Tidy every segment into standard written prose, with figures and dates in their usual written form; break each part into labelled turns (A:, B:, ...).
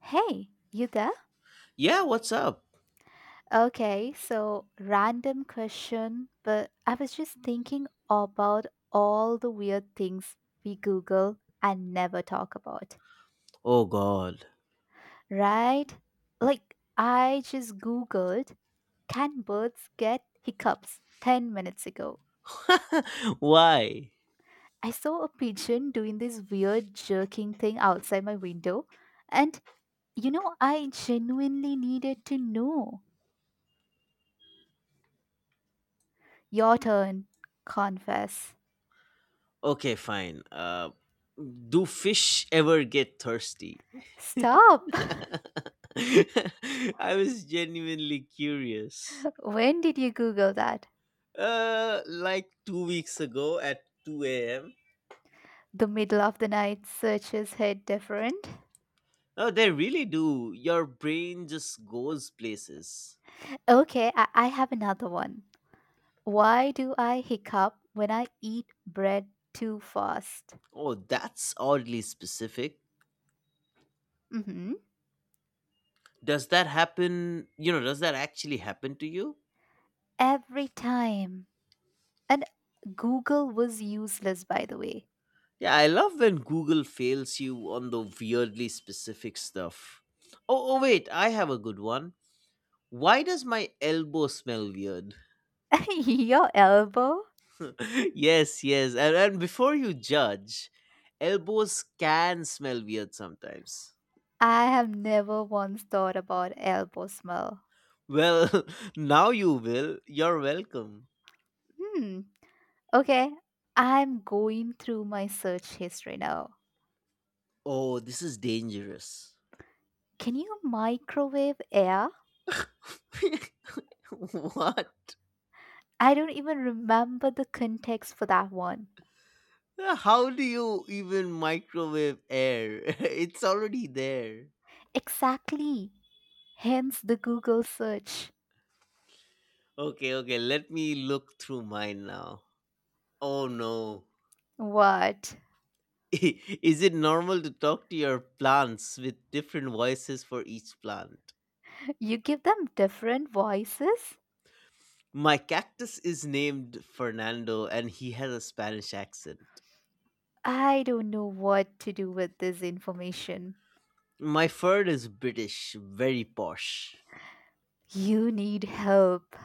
A: Hey, you there?
B: Yeah, what's up?
A: Okay, so random question, but I was just thinking about all the weird things we Google and never talk about,
B: Oh god.
A: right? Like, I just Googled, can birds get hiccups 10 minutes ago?
B: Why?
A: I saw a pigeon doing this weird jerking thing outside my window, and I genuinely needed to know. Your turn, confess.
B: Okay, fine. Do fish ever get thirsty?
A: Stop!
B: I was genuinely curious.
A: When did you Google that?
B: Like 2 weeks ago at 2 a.m.
A: The middle of the night searches hit different.
B: Oh, they really do. Your brain just goes places.
A: Okay, I have another one. Why do I hiccup when I eat bread too fast?
B: Oh, that's oddly specific.
A: hmm
B: Does that happen, you know, does that actually happen to you?
A: Every time. And Google was useless, by the way.
B: Yeah, I love when Google fails you on the weirdly specific stuff. Oh, wait, I have a good one. Why does my elbow smell weird?
A: Your elbow?
B: Yes, yes. And before you judge, elbows can smell weird sometimes.
A: I have never once thought about elbow smell.
B: Well, now you will. You're welcome.
A: Hmm. Okay, I'm going through my search history now.
B: Oh, this is dangerous.
A: Can you microwave air?
B: What?
A: I don't even remember the context for that one.
B: How do you even microwave air? It's already there.
A: Exactly. Hence the Google search.
B: Okay, okay. Let me look through mine now. Oh no.
A: What?
B: Is it normal to talk to your plants with different voices for each plant?
A: You give them different voices?
B: My cactus is named Fernando and he has a Spanish accent.
A: I don't know what to do with this information.
B: My fern is British, very posh.
A: You need help.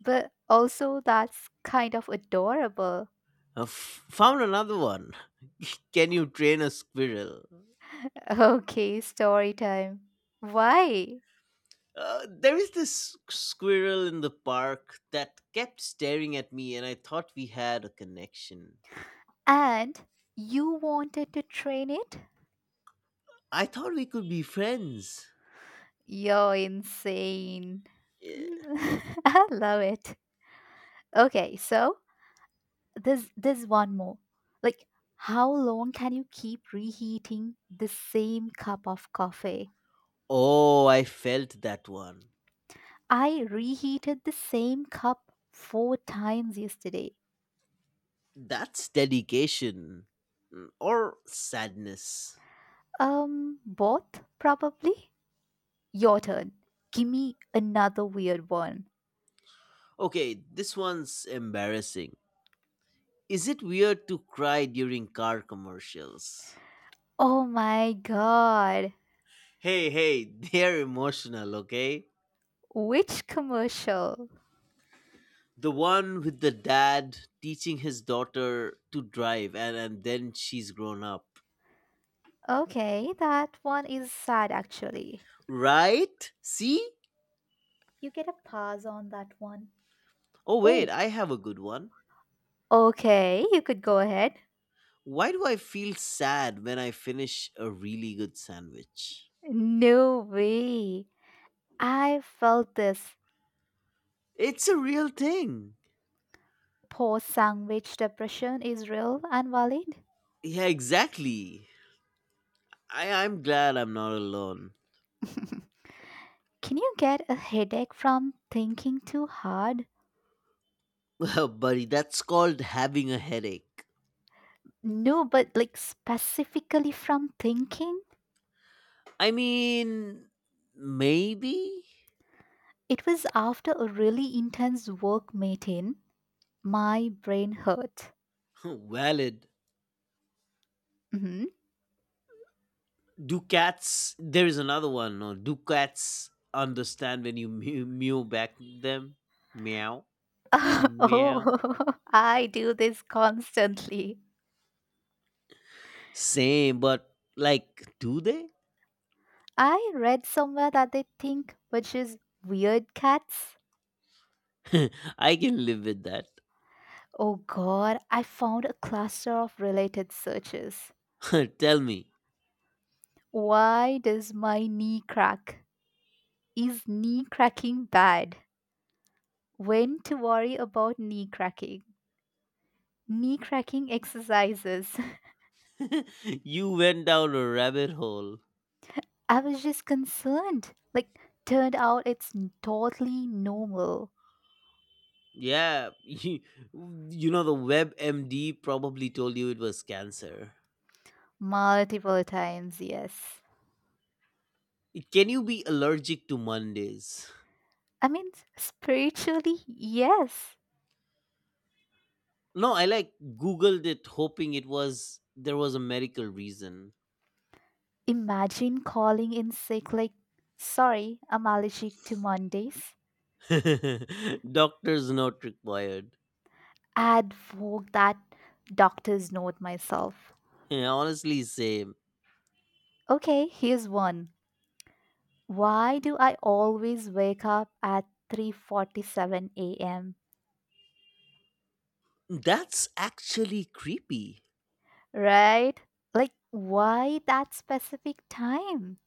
A: But also, that's kind of adorable.
B: Found another one. Can you train a squirrel?
A: Okay, story time. Why?
B: There is this squirrel in the park that kept staring at me, and I thought we had a connection.
A: And you wanted to train it?
B: I thought we could be friends.
A: You're insane.
B: Eh.
A: I love it. Okay, so there's one more. Like, how long can you keep reheating the same cup of coffee?
B: Oh, I felt that one.
A: I reheated the same cup four times yesterday.
B: That's dedication. Mm, or sadness.
A: Both probably. Your turn. Give me another weird one.
B: Okay, this one's embarrassing. Is it weird to cry during car commercials?
A: Oh my god.
B: Hey, hey, they're emotional, okay?
A: Which commercial?
B: The one with the dad teaching his daughter to drive, and then she's grown up.
A: Okay, that one is sad actually.
B: Right? See?
A: You get a pass on that one.
B: Oh, wait,
A: Oh,
B: I have a good one.
A: okay, you could go ahead.
B: Why do I feel sad when I finish a really good sandwich?
A: No way. I felt this.
B: It's a real thing.
A: Post sandwich depression is real and valid.
B: Yeah, exactly. I'm glad I'm not alone.
A: Can you get a headache from thinking too hard?
B: Well, buddy, that's called having a headache.
A: No, but like specifically from thinking?
B: I mean, maybe?
A: It was after a really intense work meeting. My brain hurt.
B: Valid.
A: Mhm.
B: Do cats. There is another one. No? Do cats understand when you mew, mew back to them? Meow. Meow.
A: Oh, I do this constantly.
B: Same, but like, do they?
A: I read somewhere that they think, which is weird cats.
B: I can live with that.
A: Oh god, I found a cluster of related searches.
B: Tell me.
A: Why does my knee crack? Is knee cracking bad? When to worry about knee cracking? Knee cracking exercises.
B: You went down a rabbit hole.
A: I was just concerned. Like, turned out it's totally normal.
B: Yeah, you know, the WebMD probably told you it was cancer.
A: Multiple times, yes.
B: Can you be allergic to Mondays?
A: I mean, spiritually, yes.
B: No, I like Googled it hoping it was there was a medical reason.
A: Imagine calling in sick, like, sorry, I'm allergic to Mondays.
B: Doctor's not required.
A: I'd fork that doctor's note myself.
B: Yeah, honestly, same.
A: Okay, here's one. Why do I always wake up at 3:47 a.m.?
B: That's actually creepy.
A: Right? Like why that specific time?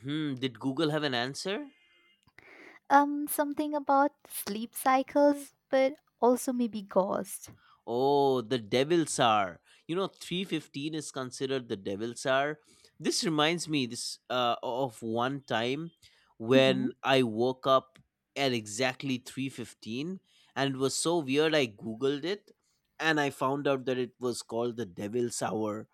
B: Hmm, did Google have an answer?
A: Something about sleep cycles but also maybe ghosts.
B: Oh, the Devil's Hour. You know, 3:15 is considered the Devil's Hour. This reminds me this of one time
A: hmm
B: when I woke up at exactly 3:15, and it was so weird I googled it and I found out that it was called the Devil's Hour.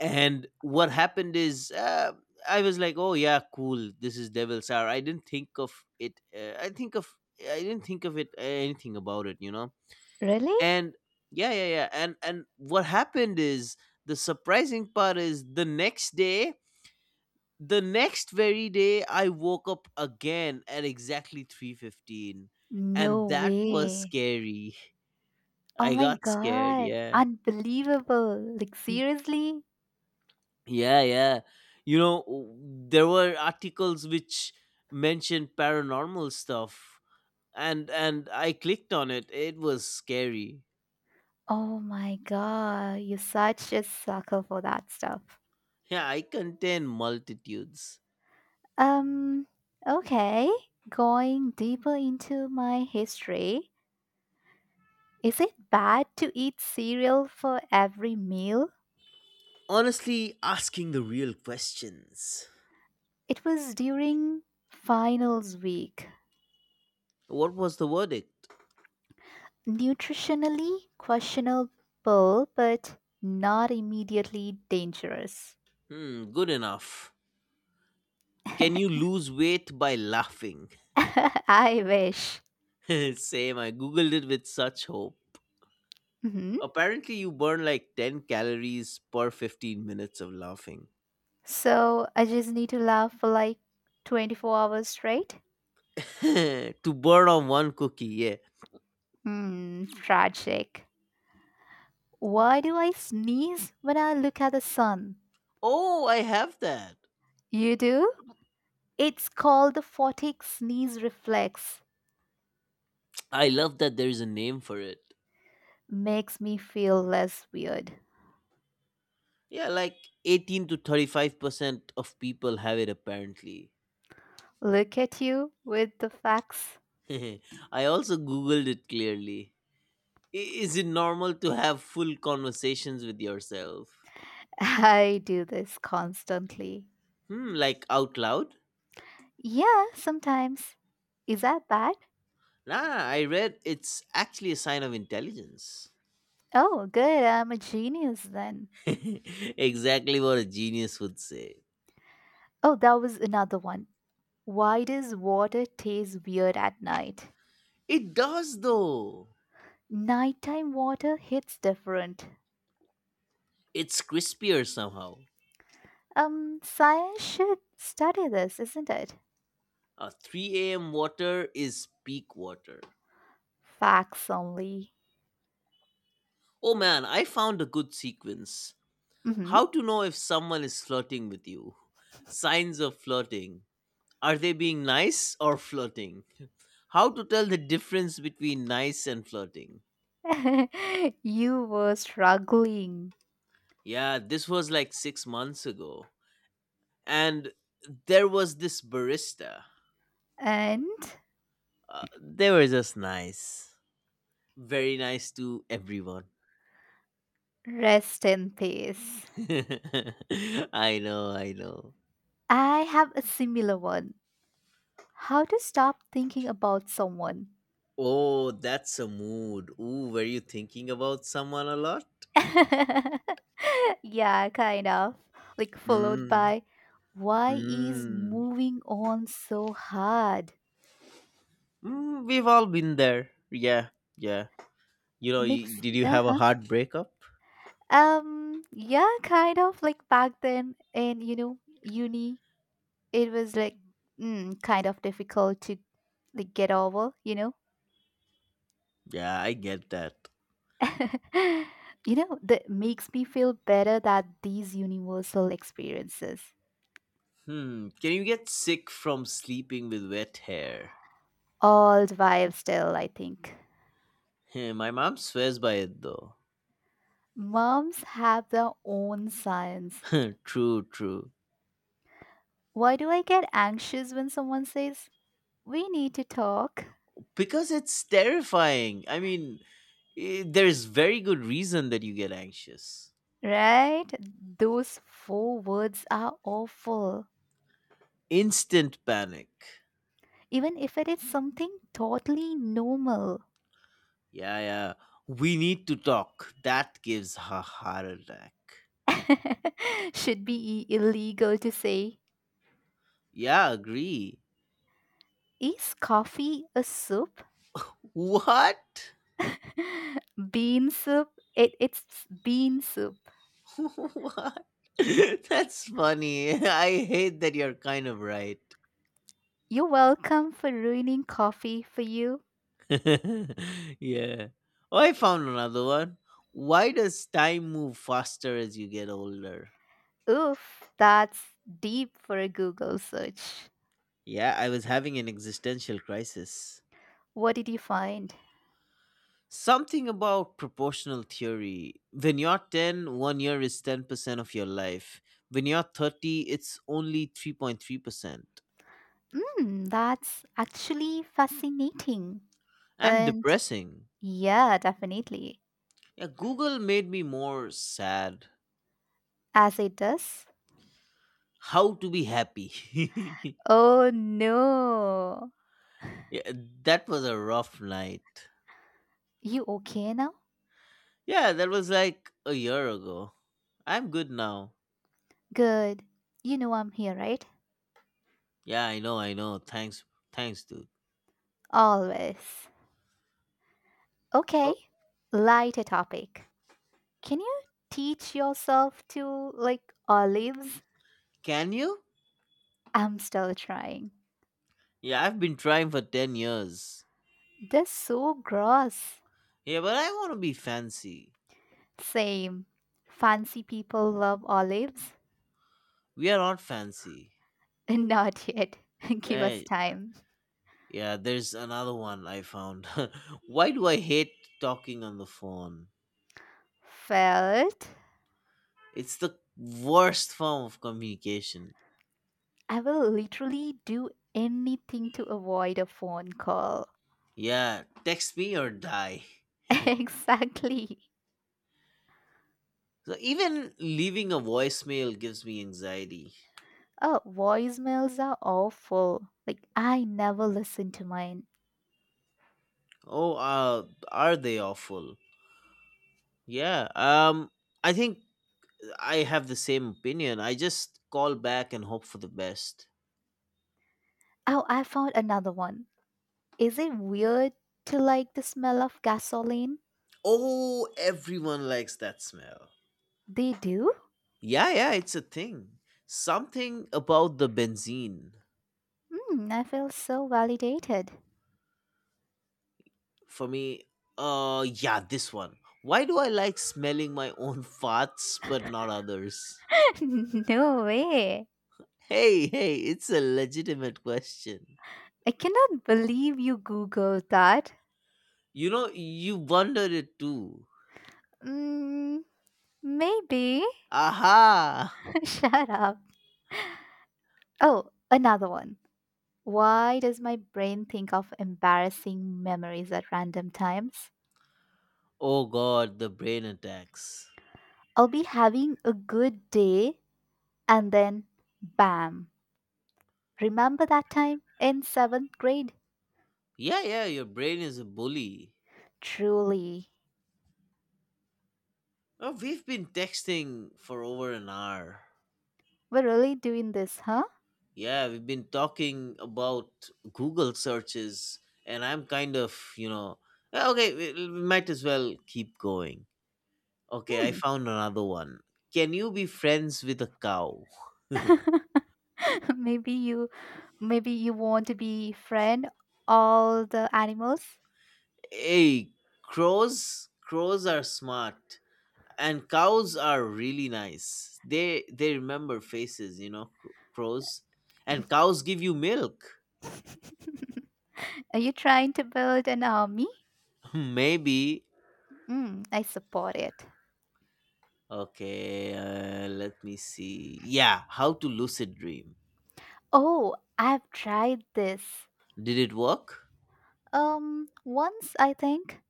B: And what happened is I was like, "Oh yeah, cool. This is Devil's Hour." I didn't think of it. I didn't think of it, anything about it, you know.
A: Really?
B: And yeah. And what happened is the surprising part is the next day, the next very day I woke up again at exactly 3:15, and
A: No
B: that was
A: way.
B: scary.
A: Oh
B: I
A: my
B: got scared,
A: god.
B: yeah.
A: Unbelievable. Like seriously?
B: Yeah. You know, there were articles which mentioned paranormal stuff, and I clicked on it. It was scary.
A: Oh my god, you're such a sucker for that stuff.
B: Yeah, I contain multitudes.
A: Um, okay, going deeper into my history, is it bad to eat cereal for every meal?
B: Honestly asking the real questions.
A: It was during finals week.
B: What was the verdict?
A: Nutritionally questionable, but not immediately dangerous.
B: Hmm, good enough. Can you lose weight by laughing?
A: I wish.
B: Same, I googled it with such hope.
A: Mhm.
B: Apparently, you burn like 10 calories per 15 minutes of laughing.
A: So I just need to laugh for like 24 hours straight.
B: To burn on one cookie, yeah.
A: Hmm, tragic. Why do I sneeze when I look at the sun?
B: Oh, I have that.
A: You do? It's called the photic sneeze reflex.
B: I love that there is a name for it.
A: Makes me feel less weird.
B: Yeah, like 18 to 35% of people have it apparently.
A: Look at you with the facts.
B: I also googled it clearly. Is it normal to have full conversations with yourself?
A: I do this constantly.
B: Hmm, like out loud?
A: Yeah, sometimes. Is that bad?
B: Nah, I read it's actually a sign of intelligence.
A: Oh, good. I'm a genius then.
B: Exactly what a genius would say.
A: Oh, that was another one. Why does water taste weird at night?
B: It does though.
A: Nighttime water hits different.
B: It's crispier somehow.
A: Science should study this, isn't it?
B: A 3 a.m. water is peak water.
A: Facts only.
B: Oh man, I found a good sequence.
A: Mhm.
B: How to know if someone is flirting with you. Signs of flirting. Are they being nice or flirting? How to tell the difference between nice and flirting?
A: You were struggling.
B: Yeah, this was like 6 months ago. And there was this barista.
A: And
B: They were just nice. Very nice to everyone.
A: rest in peace.
B: I know.
A: I have a similar one. How to stop thinking about someone.
B: Oh, that's a mood. Ooh, were you thinking about someone a lot?
A: Yeah, kind of. Like, followed
B: Mm,
A: by, why is
B: mm,
A: moving on so hard?
B: mm, we've all been there. Yeah, yeah. You know,
A: Makes,
B: did you
A: uh
B: have a
A: huh.
B: hard breakup?
A: Yeah, kind of like back then in, uni, it was like kind of difficult to like get over.
B: Yeah, I get that.
A: You know, that makes me feel better that these universal experiences,
B: Hmm. Can you get sick from sleeping with wet hair?
A: all the while still, I think.
B: Hmm, my mom swears by it though.
A: Moms have their own signs.
B: True.
A: Why do I get anxious when someone says, we need to talk,
B: Because it's terrifying. I mean, eh, there's very good reason that you get anxious.
A: right? Those four words are awful
B: Instant panic.
A: even if it is something totally normal.
B: Yeah. We need to talk. That gives a heart attack.
A: Should be illegal to say,
B: Yeah, agree.
A: is coffee a soup?
B: What?
A: Bean soup? It's bean soup.
B: What? That's funny. I hate that you're kind of right.
A: You're welcome for ruining coffee for you.
B: Yeah. Oh, I found another one. Why does time move faster as you get older?
A: Oof, that's deep for a Google search.
B: Yeah, I was having an existential crisis.
A: What did you find?
B: Something about proportional theory. When you're ten, one year is 10% of your life. When you're 30, it's only 3.3%.
A: Mm, that's actually fascinating.
B: And
A: And
B: depressing.
A: yeah, definitely.
B: Yeah, Google made me more sad.
A: As it does.
B: How to be happy.
A: Oh no.
B: Yeah, that was a rough night.
A: You okay now?
B: Yeah, that was like a year ago. I'm good now.
A: Good. You know I'm here, right?
B: Yeah, I know. Thanks, thanks, dude.
A: Always. Okay.
B: Oh,
A: Lighter topic. Can you teach yourself to like olives?
B: can you?
A: I'm still trying.
B: Yeah, I've been trying for 10 years.
A: They're so gross.
B: Yeah, but I want to be fancy.
A: Same. Fancy people love olives?
B: We are not fancy.
A: Not yet. Give us
B: Hey,
A: time.
B: yeah, there's another one I found. Why do I hate talking on the phone?
A: Felt.
B: It's the worst form of communication.
A: I will literally do anything to avoid a phone call.
B: Yeah, text me or die.
A: Exactly.
B: So even leaving a voicemail gives me anxiety.
A: Oh, voicemails are awful. Like, I never listen to mine.
B: Oh, are they awful? Yeah. I think I have the same opinion. I just call back and hope for the best.
A: Oh, I found another one. Is it weird to like the smell of gasoline?
B: Oh, everyone likes that smell.
A: They do?
B: Yeah, it's a thing. Something about the benzene
A: Hmm, I feel so validated.
B: for me. Yeah, this one. Why do I like smelling my own farts but not others?
A: No way.
B: Hey, hey, it's a legitimate question.
A: I cannot believe you Googled that.
B: You know, you wondered it too.
A: Mm, maybe.
B: Aha!
A: Shut up. Oh, another one. Why does my brain think of embarrassing memories at random times?
B: Oh god, the brain attacks.
A: I'll be having a good day. And then, bam! Remember that time in seventh grade?
B: Yeah, your brain is a bully.
A: Truly.
B: Oh, we've been texting for over an hour.
A: We're really doing this, huh?
B: Yeah, we've been talking about Google searches, and I'm kind of, you know, "Yeah, okay, we might as well keep going. Okay, I
A: Hmm.
B: found another one. Can you be friends with a cow?
A: maybe you maybe you want to be friend all the animals?
B: Hey, crows are smart. And cows are really nice. They remember faces, you know. Crows and cows give you milk.
A: Are you trying to build an army?
B: Maybe.
A: Mm, I support it.
B: Okay, let me see. Yeah, how to lucid dream.
A: Oh, I've tried this.
B: Did it work?
A: Once I think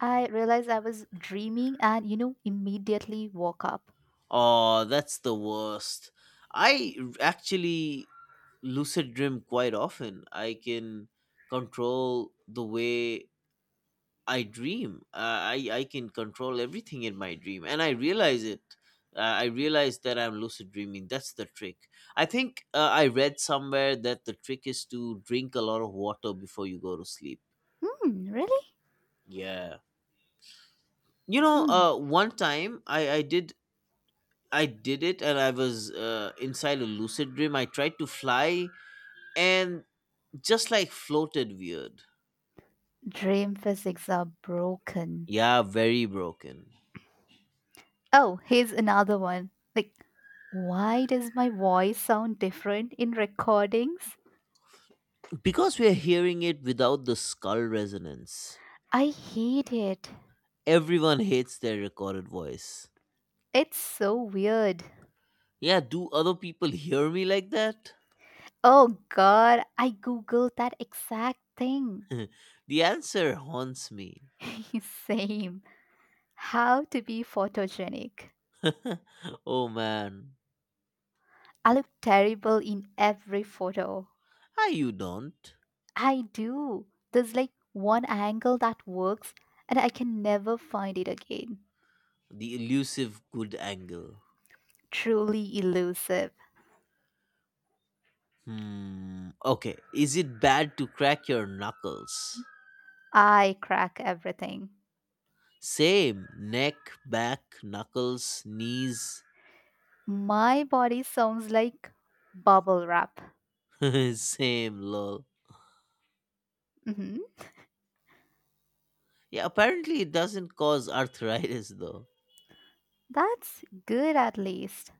A: I realized I was dreaming and immediately woke up.
B: Oh, that's the worst. Actually lucid dream quite often. I can control the way I dream. I can control everything in my dream, and I realize it. I realize that I'm lucid dreaming. That's the trick. I think I read somewhere that the trick is to drink a lot of water before you go to sleep.
A: Hmm, really?
B: Yeah, you know,
A: Hmm.
B: one time I did. I did it, and I was inside a lucid dream. I tried to fly, and just like floated weird.
A: Dream physics are broken.
B: Yeah, very broken.
A: Oh, here's another one. Like, why does my voice sound different in recordings?
B: Because we're hearing it without the skull resonance.
A: I hate it.
B: Everyone hates their recorded voice.
A: It's so weird.
B: Yeah, do other people hear me like that?
A: Oh god, I googled that exact thing.
B: The answer haunts me.
A: Same. How to be photogenic.
B: Oh man.
A: I look terrible in every photo.
B: Hi, you don't.
A: I do. There's like one angle that works and I can never find it again.
B: The elusive good angle.
A: Truly elusive.
B: Hmm. Okay, is it bad to crack your knuckles?
A: I crack everything.
B: Same. Neck, back, knuckles, knees.
A: My body sounds like bubble wrap.
B: Same, lol.
A: hmm
B: Yeah, apparently it doesn't cause arthritis though.
A: That's good at least.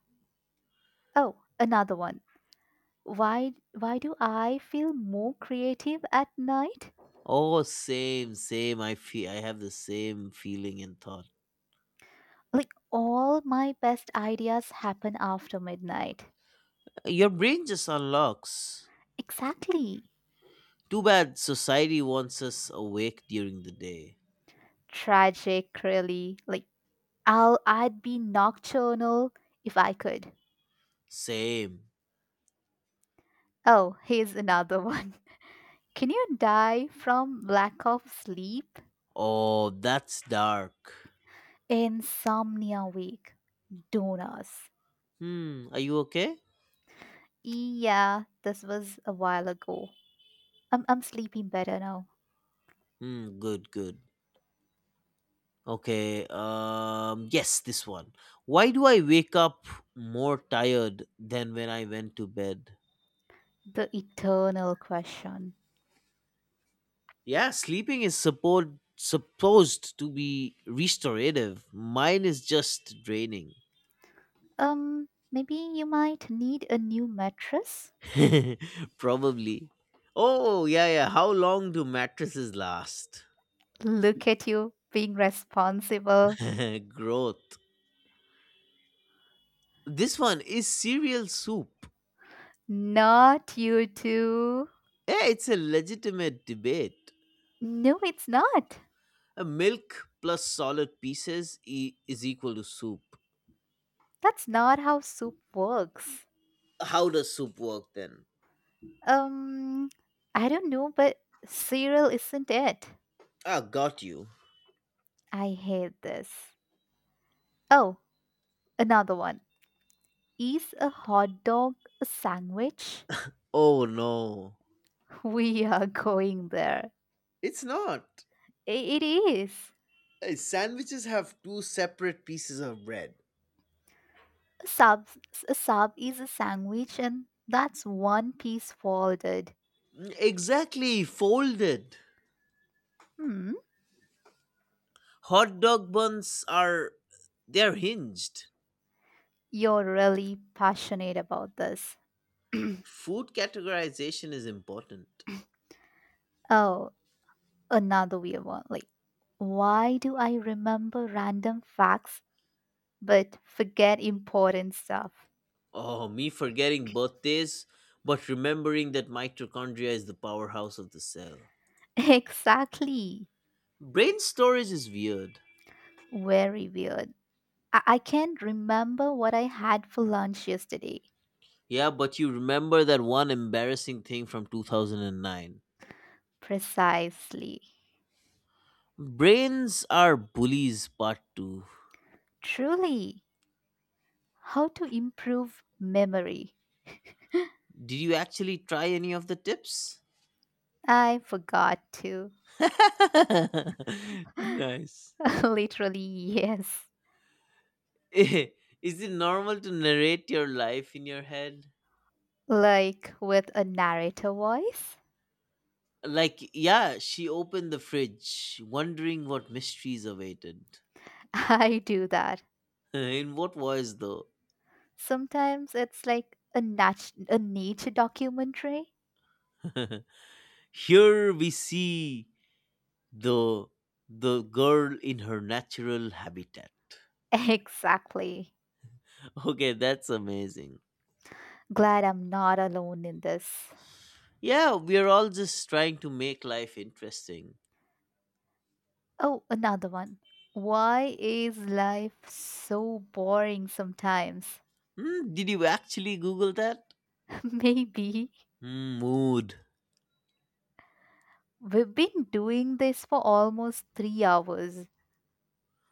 A: Oh, another one. Why do I feel more creative at night?
B: Oh, same. I feel I have the same feeling and thought.
A: Like all my best ideas happen after midnight.
B: Your brain just unlocks.
A: Exactly.
B: Too bad society wants us awake during the day.
A: Tragic really. Like I'd be nocturnal if I could.
B: Same.
A: Oh, here's another one. Can you die from lack of sleep?
B: Oh, that's dark.
A: Insomnia Week. Donors.
B: Hmm, are you okay?
A: Yeah, this was a while ago. I'm sleeping better now.
B: Hmm, good. Okay, yes, this one. Why do I wake up more tired than when I went to bed?
A: The eternal question.
B: Yeah, sleeping is supposed to be restorative. Mine is just draining.
A: Maybe you might need a new mattress?
B: Probably. Oh, yeah. How long do mattresses last?
A: Look at you being responsible.
B: Growth. This one is cereal soup.
A: Not you two.
B: Yeah, it's a legitimate debate.
A: No, it's not.
B: A milk plus solid pieces is equal to soup.
A: That's not how soup works.
B: How does soup work then?
A: Um, I don't know, but cereal isn't it.
B: Ah, got you.
A: I hate this. Oh, another one. Is a hot dog a sandwich?
B: Oh no.
A: We are going there.
B: It's not.
A: It is.
B: Eh, sandwiches have two separate pieces of bread.
A: A sub, a sub is a sandwich, and that's one piece folded.
B: Exactly, folded.
A: Hmm,
B: Hot dog buns are they're hinged.
A: you're really passionate about this.
B: Food categorization is important.
A: Oh, another weird one. Like, why do I remember random facts but forget important stuff?
B: Oh, me forgetting birthdays, but remembering that mitochondria is the powerhouse of the cell.
A: Exactly.
B: Brain storage is weird.
A: Very weird. I can't remember what I had for lunch yesterday.
B: Yeah, but you remember that one embarrassing thing from 2009.
A: Precisely.
B: Brains are bullies, part 2.
A: Truly, how to improve memory?
B: Did you actually try any of the tips?
A: I forgot to.
B: Nice.
A: Literally, yes.
B: Is it normal to narrate your life in your head?
A: Like with a narrator voice,
B: Like, yeah, she opened the fridge, wondering what mysteries awaited.
A: I do that.
B: In what voice, though?
A: Sometimes it's like a nature documentary.
B: Here we see the the girl in her natural habitat.
A: Exactly.
B: Okay, that's amazing.
A: Glad I'm not alone in this.
B: Yeah, we are all just trying to make life interesting.
A: Oh, another one. Why is life so boring sometimes?
B: Hmm, did you actually Google that?
A: Maybe.
B: Hmm, mood.
A: We've been doing this for almost 3 hours.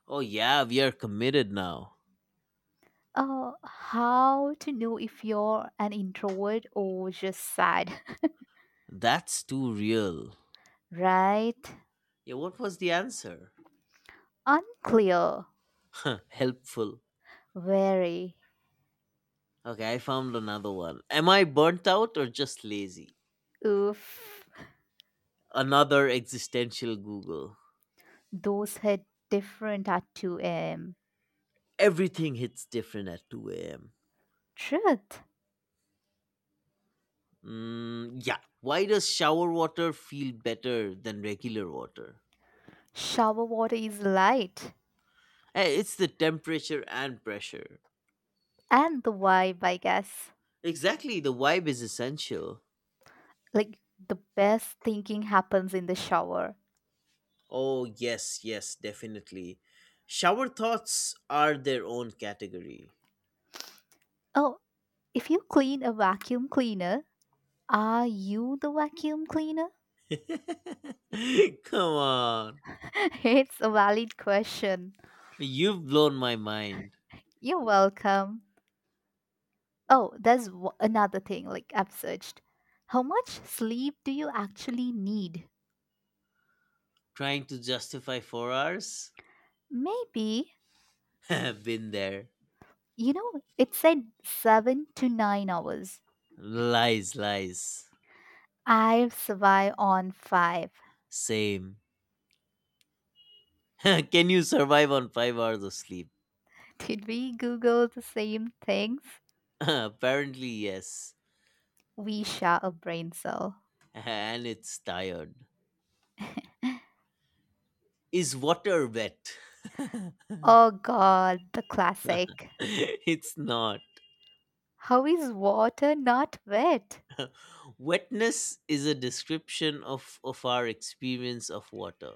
B: Oh yeah, we are committed now.
A: How to know if you're an introvert or just sad,
B: That's too real.
A: right?
B: Yeah, what was the answer?
A: Unclear.
B: Helpful.
A: Very.
B: Okay, I found another one. Am I burnt out or just lazy?
A: Oof.
B: Another existential Google.
A: Those hit different at 2 a.m.
B: Everything hits different at 2 a.m.
A: Truth.
B: Mm, yeah. Why does shower water feel better than regular water?
A: Shower water is light.
B: Hey, it's the temperature and pressure.
A: And the vibe, I guess.
B: Exactly, the vibe is essential.
A: Like, the best thinking happens in the shower.
B: Oh, yes, definitely. Shower thoughts are their own category.
A: Oh, if you clean a vacuum cleaner, are you the vacuum cleaner?
B: Come on.
A: It's a valid question.
B: You've blown my mind.
A: You're welcome. Oh, there's another thing like I've searched. How much sleep do you actually need?
B: Trying to justify 4 hours?
A: Maybe,
B: Been there.
A: it said 7 to 9 hours.
B: Lies, lies.
A: I survive on five.
B: Same. Can you survive on 5 hours of sleep?
A: Did we Google the same things?
B: Apparently, yes.
A: We share a brain cell.
B: And it's tired. Is water wet?
A: Oh god, the classic.
B: It's not.
A: How is water not wet?
B: Wetness is a description of our experience of water.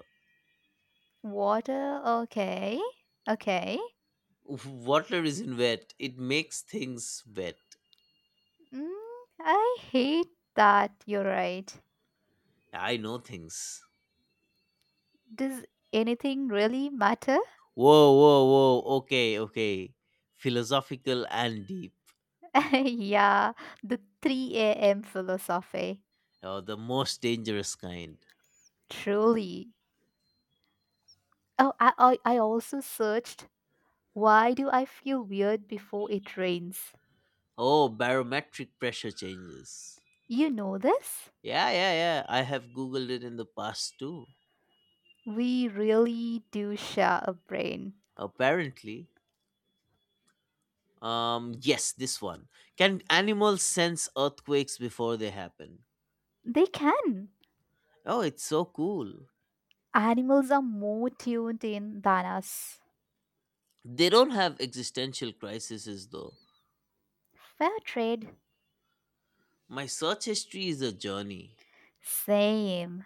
A: Water, okay. Okay.
B: Water isn't wet, it makes things wet.
A: Mm, I hate that. You're right.
B: I know things.
A: Does anything really matter?
B: Whoa, whoa, whoa. Okay, okay. Philosophical and deep.
A: Yeah, the 3 a.m. philosophy.
B: Oh, the most dangerous kind.
A: Truly. Oh, I also searched, why do I feel weird before it rains?
B: Oh, barometric pressure changes.
A: You know this?
B: Yeah. I have Googled it in the past too.
A: We really do share a brain.
B: Apparently. Yes, this one. Can animals sense earthquakes before they happen?
A: They can.
B: Oh, it's so cool.
A: Animals are more tuned in than us.
B: They don't have existential crises though.
A: Fair trade.
B: My search history is a journey.
A: Same.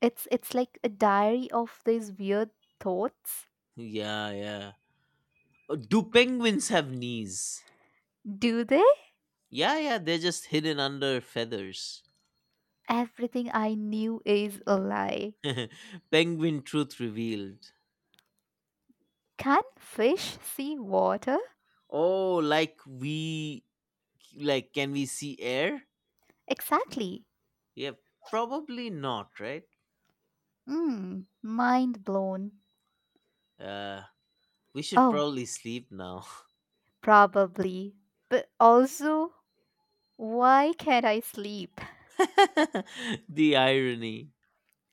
A: It's like a diary of these weird thoughts.
B: Yeah. Do penguins have knees?
A: Do they?
B: Yeah, they're just hidden under feathers.
A: Everything I knew is a lie.
B: Penguin truth revealed.
A: Can fish see water?
B: Oh, like we like can we see air?
A: Exactly.
B: Yeah, probably not, right?
A: Hmm. Mind blown.
B: Uh we should
A: Oh,
B: probably sleep now.
A: probably. But also, why can't I sleep?
B: The irony.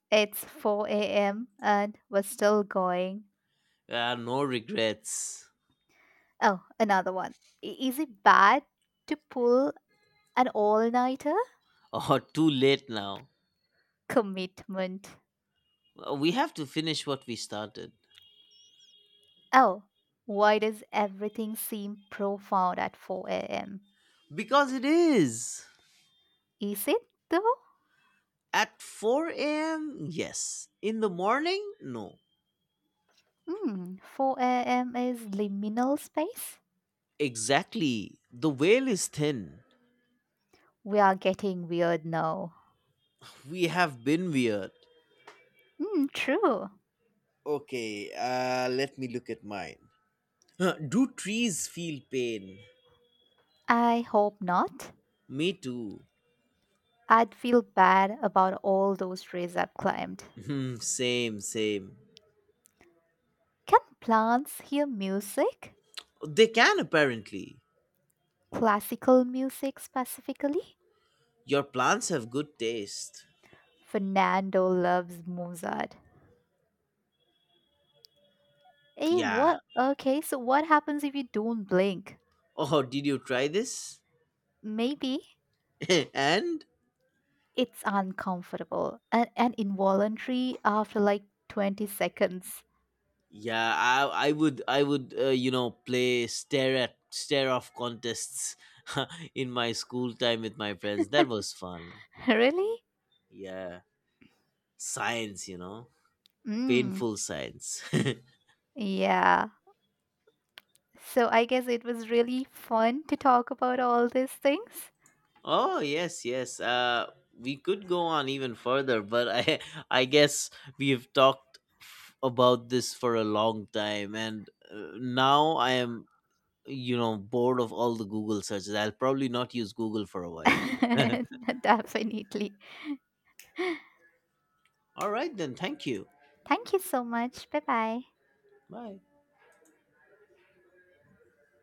A: It's 4 a.m. and we're still going.
B: No regrets.
A: Oh, another one. Is it bad to pull an all nighter?
B: Oh, too late now.
A: Commitment.
B: We have to finish what we started.
A: Oh, why does everything seem profound at 4 a.m.?
B: Because it is.
A: Is it though?
B: At 4 a.m., yes. In the morning, no.
A: Hmm, 4 a.m. is liminal space?
B: Exactly. The veil is thin.
A: We are getting weird now.
B: We have been weird.
A: Hmm, true.
B: Okay, let me look at mine. Huh, do trees feel pain?
A: I hope not.
B: Me too.
A: I'd feel bad about all those trees I've climbed.
B: Hmm, same.
A: Can plants hear music?
B: They can apparently.
A: Classical music specifically?
B: Your plants have good taste.
A: Fernando loves Mozart. Hey,
B: Yeah.
A: what? Okay, so what happens if you don't blink?
B: Oh, did you try this?
A: Maybe.
B: And
A: It's uncomfortable and involuntary after like 20 seconds.
B: yeah, I would you know play stare at stare off contests in my school time with my friends. That was fun.
A: Really?
B: Yeah. Science you know.
A: Mm,
B: Painful science.
A: yeah. So I guess it was really fun to talk about all these things.
B: Oh yes. We could go on even further, but I I guess we have about this for a long time, and now I am you know bored of all the Google searches. I'll probably not use Google for a while.
A: Definitely.
B: All right then, thank you.
A: Thank you so much. Bye bye.
B: Bye.